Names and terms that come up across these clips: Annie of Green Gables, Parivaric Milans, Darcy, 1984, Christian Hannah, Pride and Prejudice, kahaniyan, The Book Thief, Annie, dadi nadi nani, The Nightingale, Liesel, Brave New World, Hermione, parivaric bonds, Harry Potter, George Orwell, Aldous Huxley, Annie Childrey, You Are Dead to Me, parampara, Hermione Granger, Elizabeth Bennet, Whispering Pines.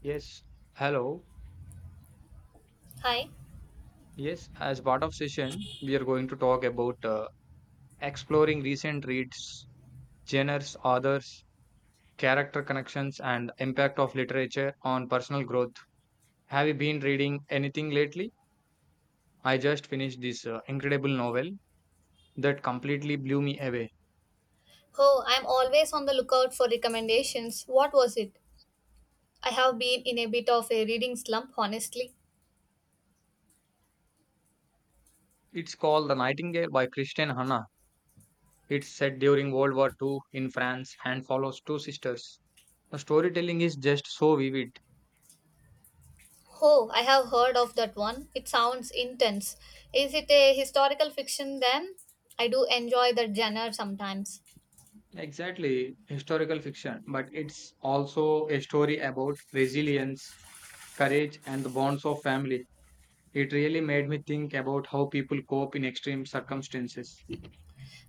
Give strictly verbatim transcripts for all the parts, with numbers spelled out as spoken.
Yes, hello. Hi. Yes, as part of session, we are going to talk about uh, exploring recent reads, genres, authors, character connections, and impact of literature on personal growth. Have you been reading anything lately? I just finished this uh, incredible novel that completely blew me away. Oh, I'm always on the lookout for recommendations. What was it? I have been in a bit of a reading slump, honestly. It's called The Nightingale by Christian Hannah. It's set during World War two in France and follows two sisters. The storytelling is just so vivid. Oh, I have heard of that one. It sounds intense. Is it a historical fiction then? I do enjoy that genre sometimes. Exactly, historical fiction, but it's also a story about resilience, courage, and the bonds of family. It really made me think about how people cope in extreme circumstances. You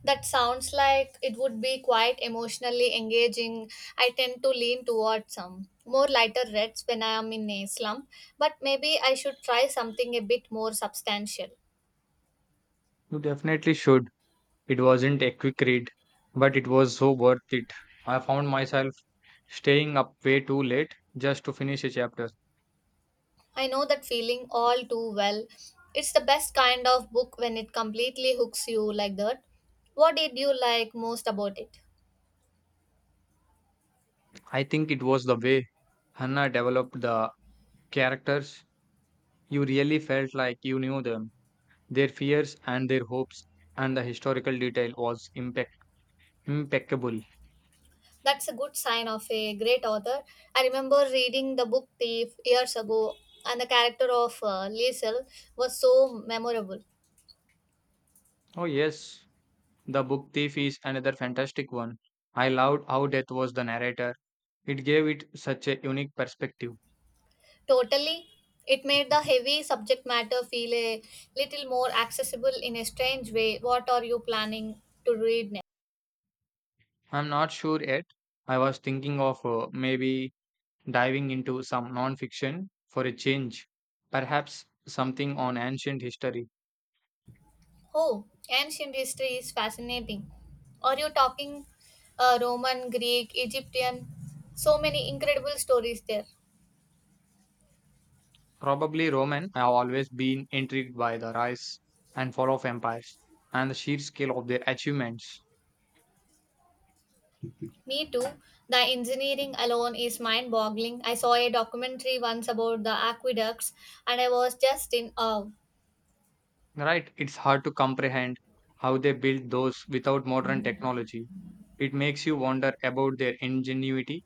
That sounds like it would be quite emotionally engaging. I tend to lean towards some more lighter reads when I am in a slump, but maybe I should try something a bit more substantial. definitely should. It wasn't a quick read, but it was so worth it. I found myself staying up way too late just to finish a chapter. I know that feeling all too well. It's the best kind of book when it completely hooks you like that. What did you like most about it? I think it was the way Hannah developed the characters. You really felt like you knew them. Their fears and their hopes and the historical detail was impec- impeccable. That's a good sign of a great author. I remember reading the book Thief years ago, and the character of uh, Liesel was so memorable. Oh, yes, The Book Thief is another fantastic one. I loved how Death was the narrator, it gave it such a unique perspective. Totally, it made the heavy subject matter feel a little more accessible in a strange way. What are you planning to read next? I'm not sure yet. I was thinking of uh, maybe diving into some non fiction for a change, perhaps something on ancient history. Oh, ancient history is fascinating. Are you talking uh, Roman, Greek, Egyptian? So many incredible stories there. Probably Roman. I've always been intrigued by the rise and fall of empires and the sheer scale of their achievements. Me too. The engineering alone is mind boggling. I saw a documentary once about the aqueducts and I was just in awe. Right, it's hard to comprehend how they built those without modern technology. It makes you wonder about their ingenuity.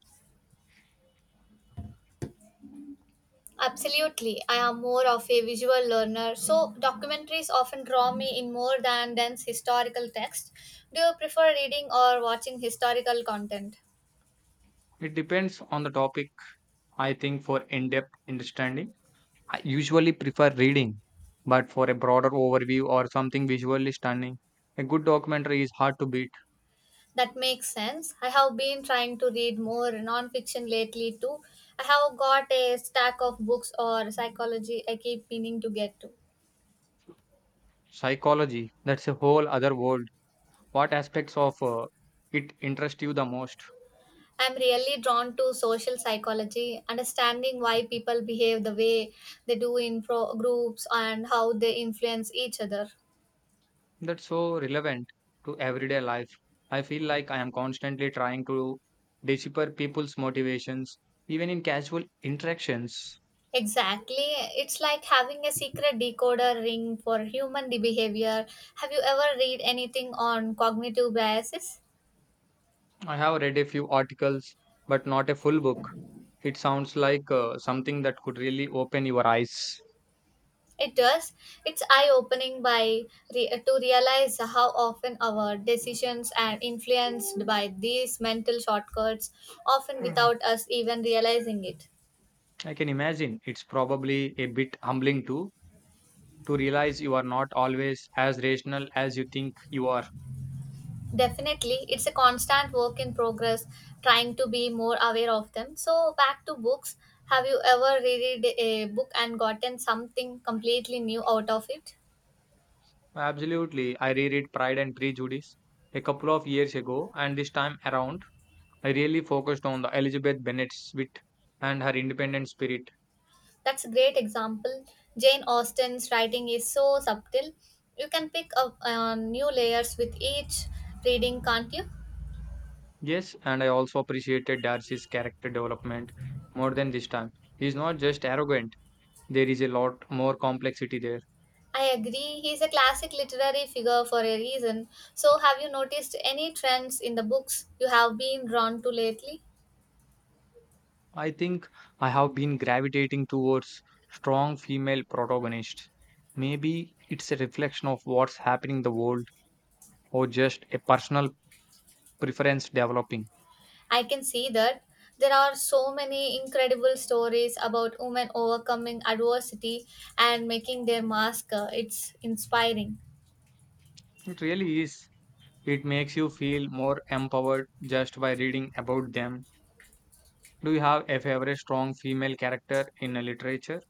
Absolutely. I am more of a visual learner, so documentaries often draw me in more than dense historical text. Do you prefer reading or watching historical content? It depends on the topic, I think, for in depth understanding. I usually prefer reading, but for a broader overview or something visually stunning, a good documentary is hard to beat. That makes sense. I have been trying to read more nonfiction lately too. I have got a stack of books or psychology I keep meaning to get to. Psychology, that's a whole other world. What aspects of uh, it interest you the most? I'm really drawn to social psychology, understanding why people behave the way they do in pro- groups and how they influence each other. That's so relevant to everyday life. I feel like I am constantly trying to decipher people's motivations, even in casual interactions. Exactly. It's like having a secret decoder ring for human behavior. Have you ever read anything on cognitive biases? I have read a few articles, but not a full book. It sounds like uh, something that could really open your eyes. It does. It's eye-opening by re- to realize how often our decisions are influenced by these mental shortcuts, often Mm. without us even realizing it. I can imagine it's probably a bit humbling too to realize you are not always as rational as you think you are. Definitely, it's a constant work in progress, trying to be more aware of them. So, back to books. Have you ever read a book and gotten something completely new out of it? Absolutely. I reread Pride and Prejudice a couple of years ago, and this time around, I really focused on the Elizabeth Bennet's wit and her independent spirit. That's a great example. Jane Austen's writing is so subtle. You can pick up on new layers with each reading, can't you? Yes, and I also appreciated Darcy's character development more than this time. He's not just arrogant, there is a lot more complexity there. I agree. He's a classic literary figure for a reason. So, have you noticed any trends in the books you have been drawn to lately? I think I have been gravitating towards strong female protagonists. Maybe it's a reflection of what's happening in the world or just a personal preference developing. I can see that there are so many incredible stories about women overcoming adversity and making their mask. uh, It's inspiring. It really is. It makes you feel more empowered just by reading about them. Do you have a favorite strong female character in a literature?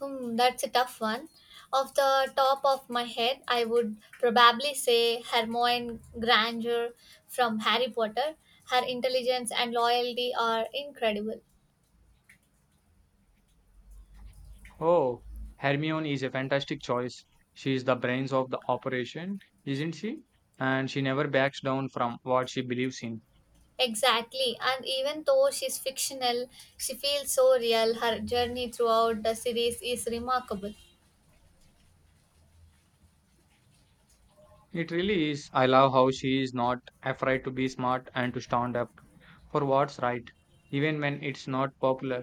Hmm, that's a tough one. Off the top of my head, I would probably say Hermione Granger from Harry Potter. Her intelligence and loyalty are incredible. Oh, Hermione is a fantastic choice. She is the brains of the operation, isn't she? And she never backs down from what she believes in. Exactly, and even though she's fictional, she feels so real. Her journey throughout the series is remarkable. It really is. I love how she is not afraid to be smart and to stand up for what's right, even when it's not popular.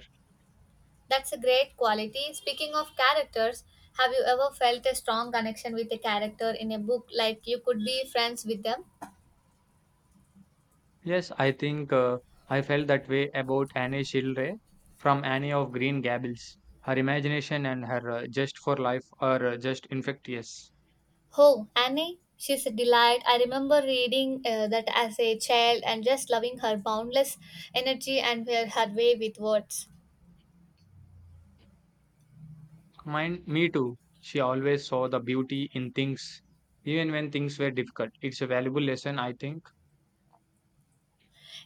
That's a great quality. Speaking of characters, have you ever felt a strong connection with a character in a book like you could be friends with them? Yes, I think uh, I felt that way about Annie Childrey from Annie of Green Gables. Her imagination and her uh, just for life are uh, just infectious. Oh, Annie, she's a delight. I remember reading uh, that as a child and just loving her boundless energy and her, her way with words. Mine, me too. She always saw the beauty in things, even when things were difficult. It's a valuable lesson, I think.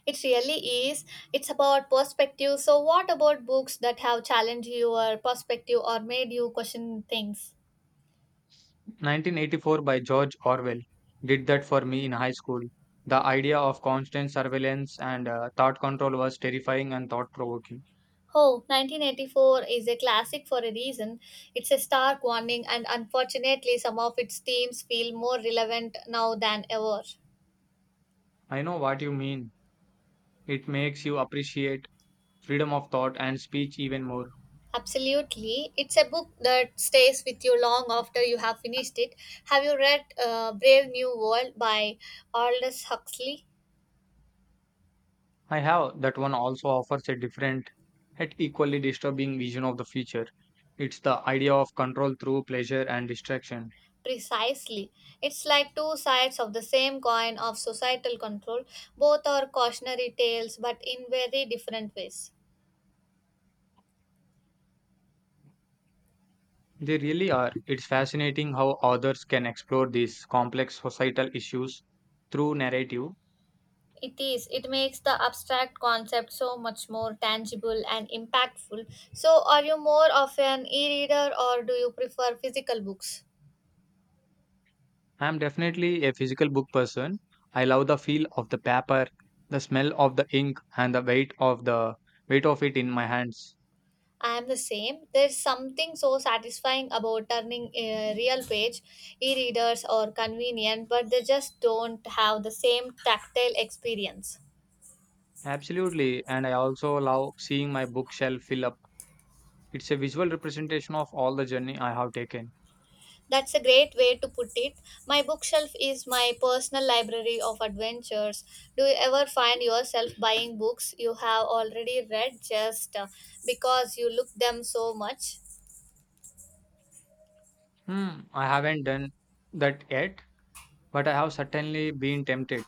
It really is. It's about perspective. So, what about books that have challenged your perspective or made you question things? nineteen eighty-four by George Orwell did that for me in high school. The idea of constant surveillance and uh, thought control was terrifying and thought provoking. Oh, nineteen eighty-four is a classic for a reason. It's a stark warning, and unfortunately, some of its themes feel more relevant now than ever. I know what you mean. It makes you appreciate freedom of thought and speech even more. Absolutely. It's a book that stays with you long after you have finished it. Have you read uh, Brave New World by Aldous Huxley? I have that one also offers a different, yet equally disturbing vision of the future. It's the idea of control through pleasure and distraction. Precisely. It's like two sides of the same coin of societal control. Both are cautionary tales, but in very different ways. They really are. It's fascinating how authors can explore these complex societal issues through narrative. It is. It makes the abstract concept so much more tangible and impactful. So, are you more of an e reader or do you prefer physical books? I'm definitely a physical book person. I love the feel of the paper, the smell of the ink, and the weight of the weight of it in my hands. I am the same. There's something so satisfying about turning uh, real page e-readers are convenient, but they just don't have the same tactile experience. Absolutely, and I also love seeing my bookshelf fill up. It's a visual representation of all the journey I have taken. That's a great way to put it. My bookshelf is my personal library of adventures. Do you ever find yourself buying books you have already read just uh, because you look them so much? Hmm, I haven't done that yet, but I have certainly been tempted,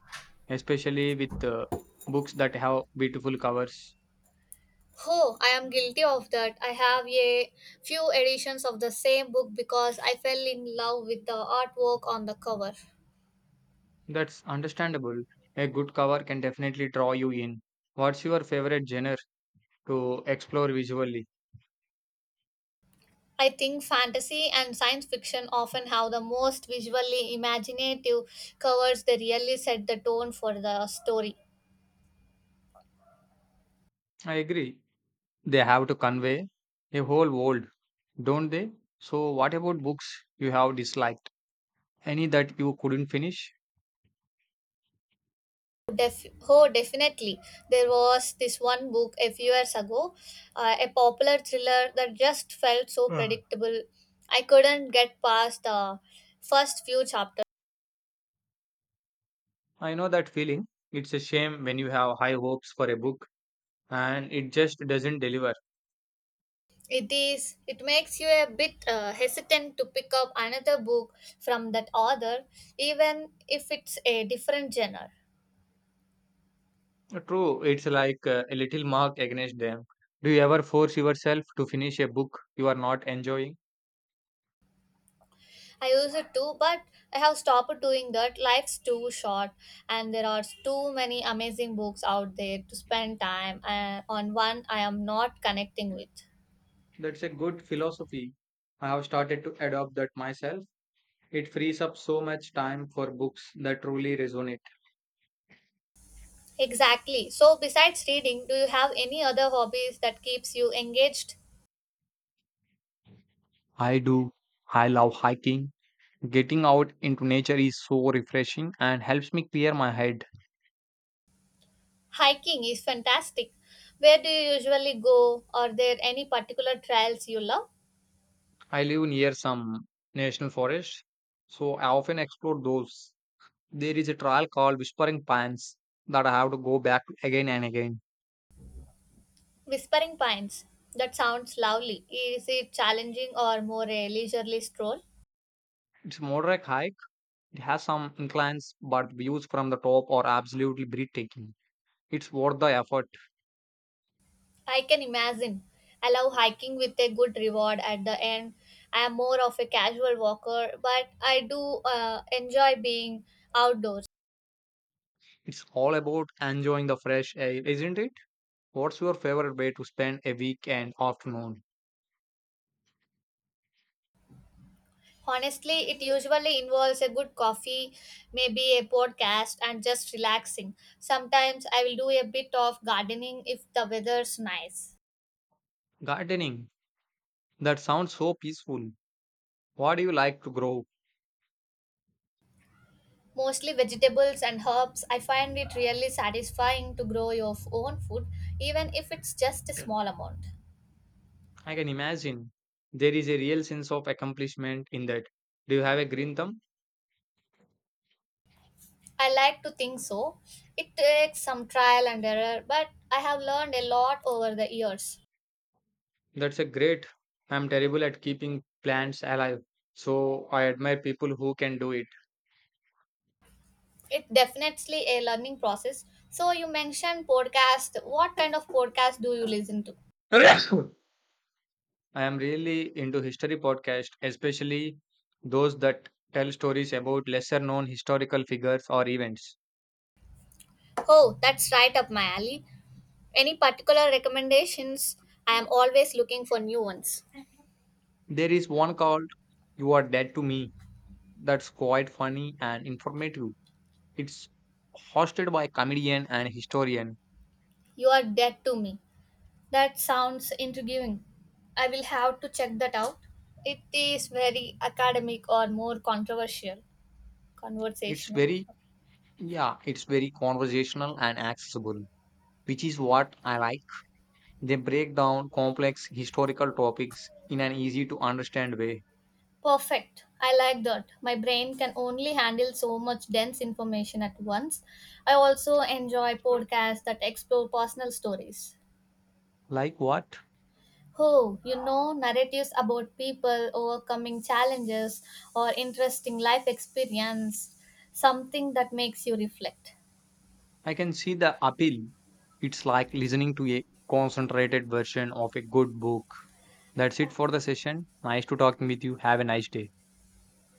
especially with uh, books that have beautiful covers. Oh, I am guilty of that. I have a few editions of the same book because I fell in love with the artwork on the cover. That's understandable. A good cover can definitely draw you in. What's your favorite genre to explore visually? I think fantasy and science fiction often have the most visually imaginative covers that really set the tone for the story. I agree. They have to convey a whole world, don't they? So, what about books you have disliked? Any that you couldn't finish? Def- oh, definitely. There was this one book a few years ago, uh, a popular thriller that just felt so Uh, predictable. I couldn't get past the first few chapters. I know that feeling. It's a shame when you have high hopes for a book and it just doesn't deliver. It is. It makes you a bit uh, hesitant to pick up another book from that author, even if it's a different genre. True, it's like uh, a little mark against them. Do you ever force yourself to finish a book you are not enjoying? I use it too, but I have stopped doing that. Life's too short, and there are too many amazing books out there to spend time uh, on one I am not connecting with. That's a good philosophy. I have started to adopt that myself. It frees up so much time for books that truly resonate. Exactly. So, besides reading, do you have any other hobbies that keeps you engaged? I do. I love hiking. Getting out into nature is so refreshing and helps me clear my head. Hiking is fantastic. Where do you usually go? Are there any particular trails you love? I live near some national forests, so I often explore those. There is a trail called Whispering Pines that I have to go back to again and again. Whispering Pines. That sounds lovely. Is it challenging or more a leisurely stroll? It's a moderate hike. It has some inclines, but views from the top are absolutely breathtaking. It's worth the effort. I can imagine. I love hiking with a good reward at the end. I am more of a casual walker, but I do uh, enjoy being outdoors. It's all about enjoying the fresh air, isn't it? What's your favorite way to spend a weekend afternoon? Honestly, it usually involves a good coffee, maybe a podcast, and just relaxing. Sometimes I will do a bit of gardening if the weather's nice. Gardening. That sounds so peaceful. What do you like to grow? Mostly vegetables and herbs, I find it really satisfying to grow your own food, even if it's just a small amount. I can imagine. There is a real sense of accomplishment in that. Do you have a green thumb? I like to think so. It takes some trial and error, but I have learned a lot over the years. That's a great. I'm terrible at keeping plants alive, so I admire people who can do It's definitely a learning process. So, you mentioned podcast. What kind of podcast do you listen to? it. I am really into history podcasts, especially those that tell stories about lesser known historical figures or events. Oh, that's right up my alley. Any particular recommendations? I am always looking for new ones. There is one called You Are Dead to Me that's quite funny and informative. It's hosted by comedian and historian. You are dead to me. That sounds intriguing. I will have to check that out. It is very academic or more controversial, It's conversational. very, yeah, it's very conversational and accessible, which is what I like. They break down complex historical topics in an easy to understand way. Perfect. I like that. My brain can only handle so much dense information at once. I also enjoy podcasts that explore personal stories. Like what? Oh, you know, narratives about people overcoming challenges or interesting life experience, something that makes you reflect. I can see the appeal. It's like listening to a concentrated version of a good book. That's it for the session. Nice to talking with you. Have a nice day.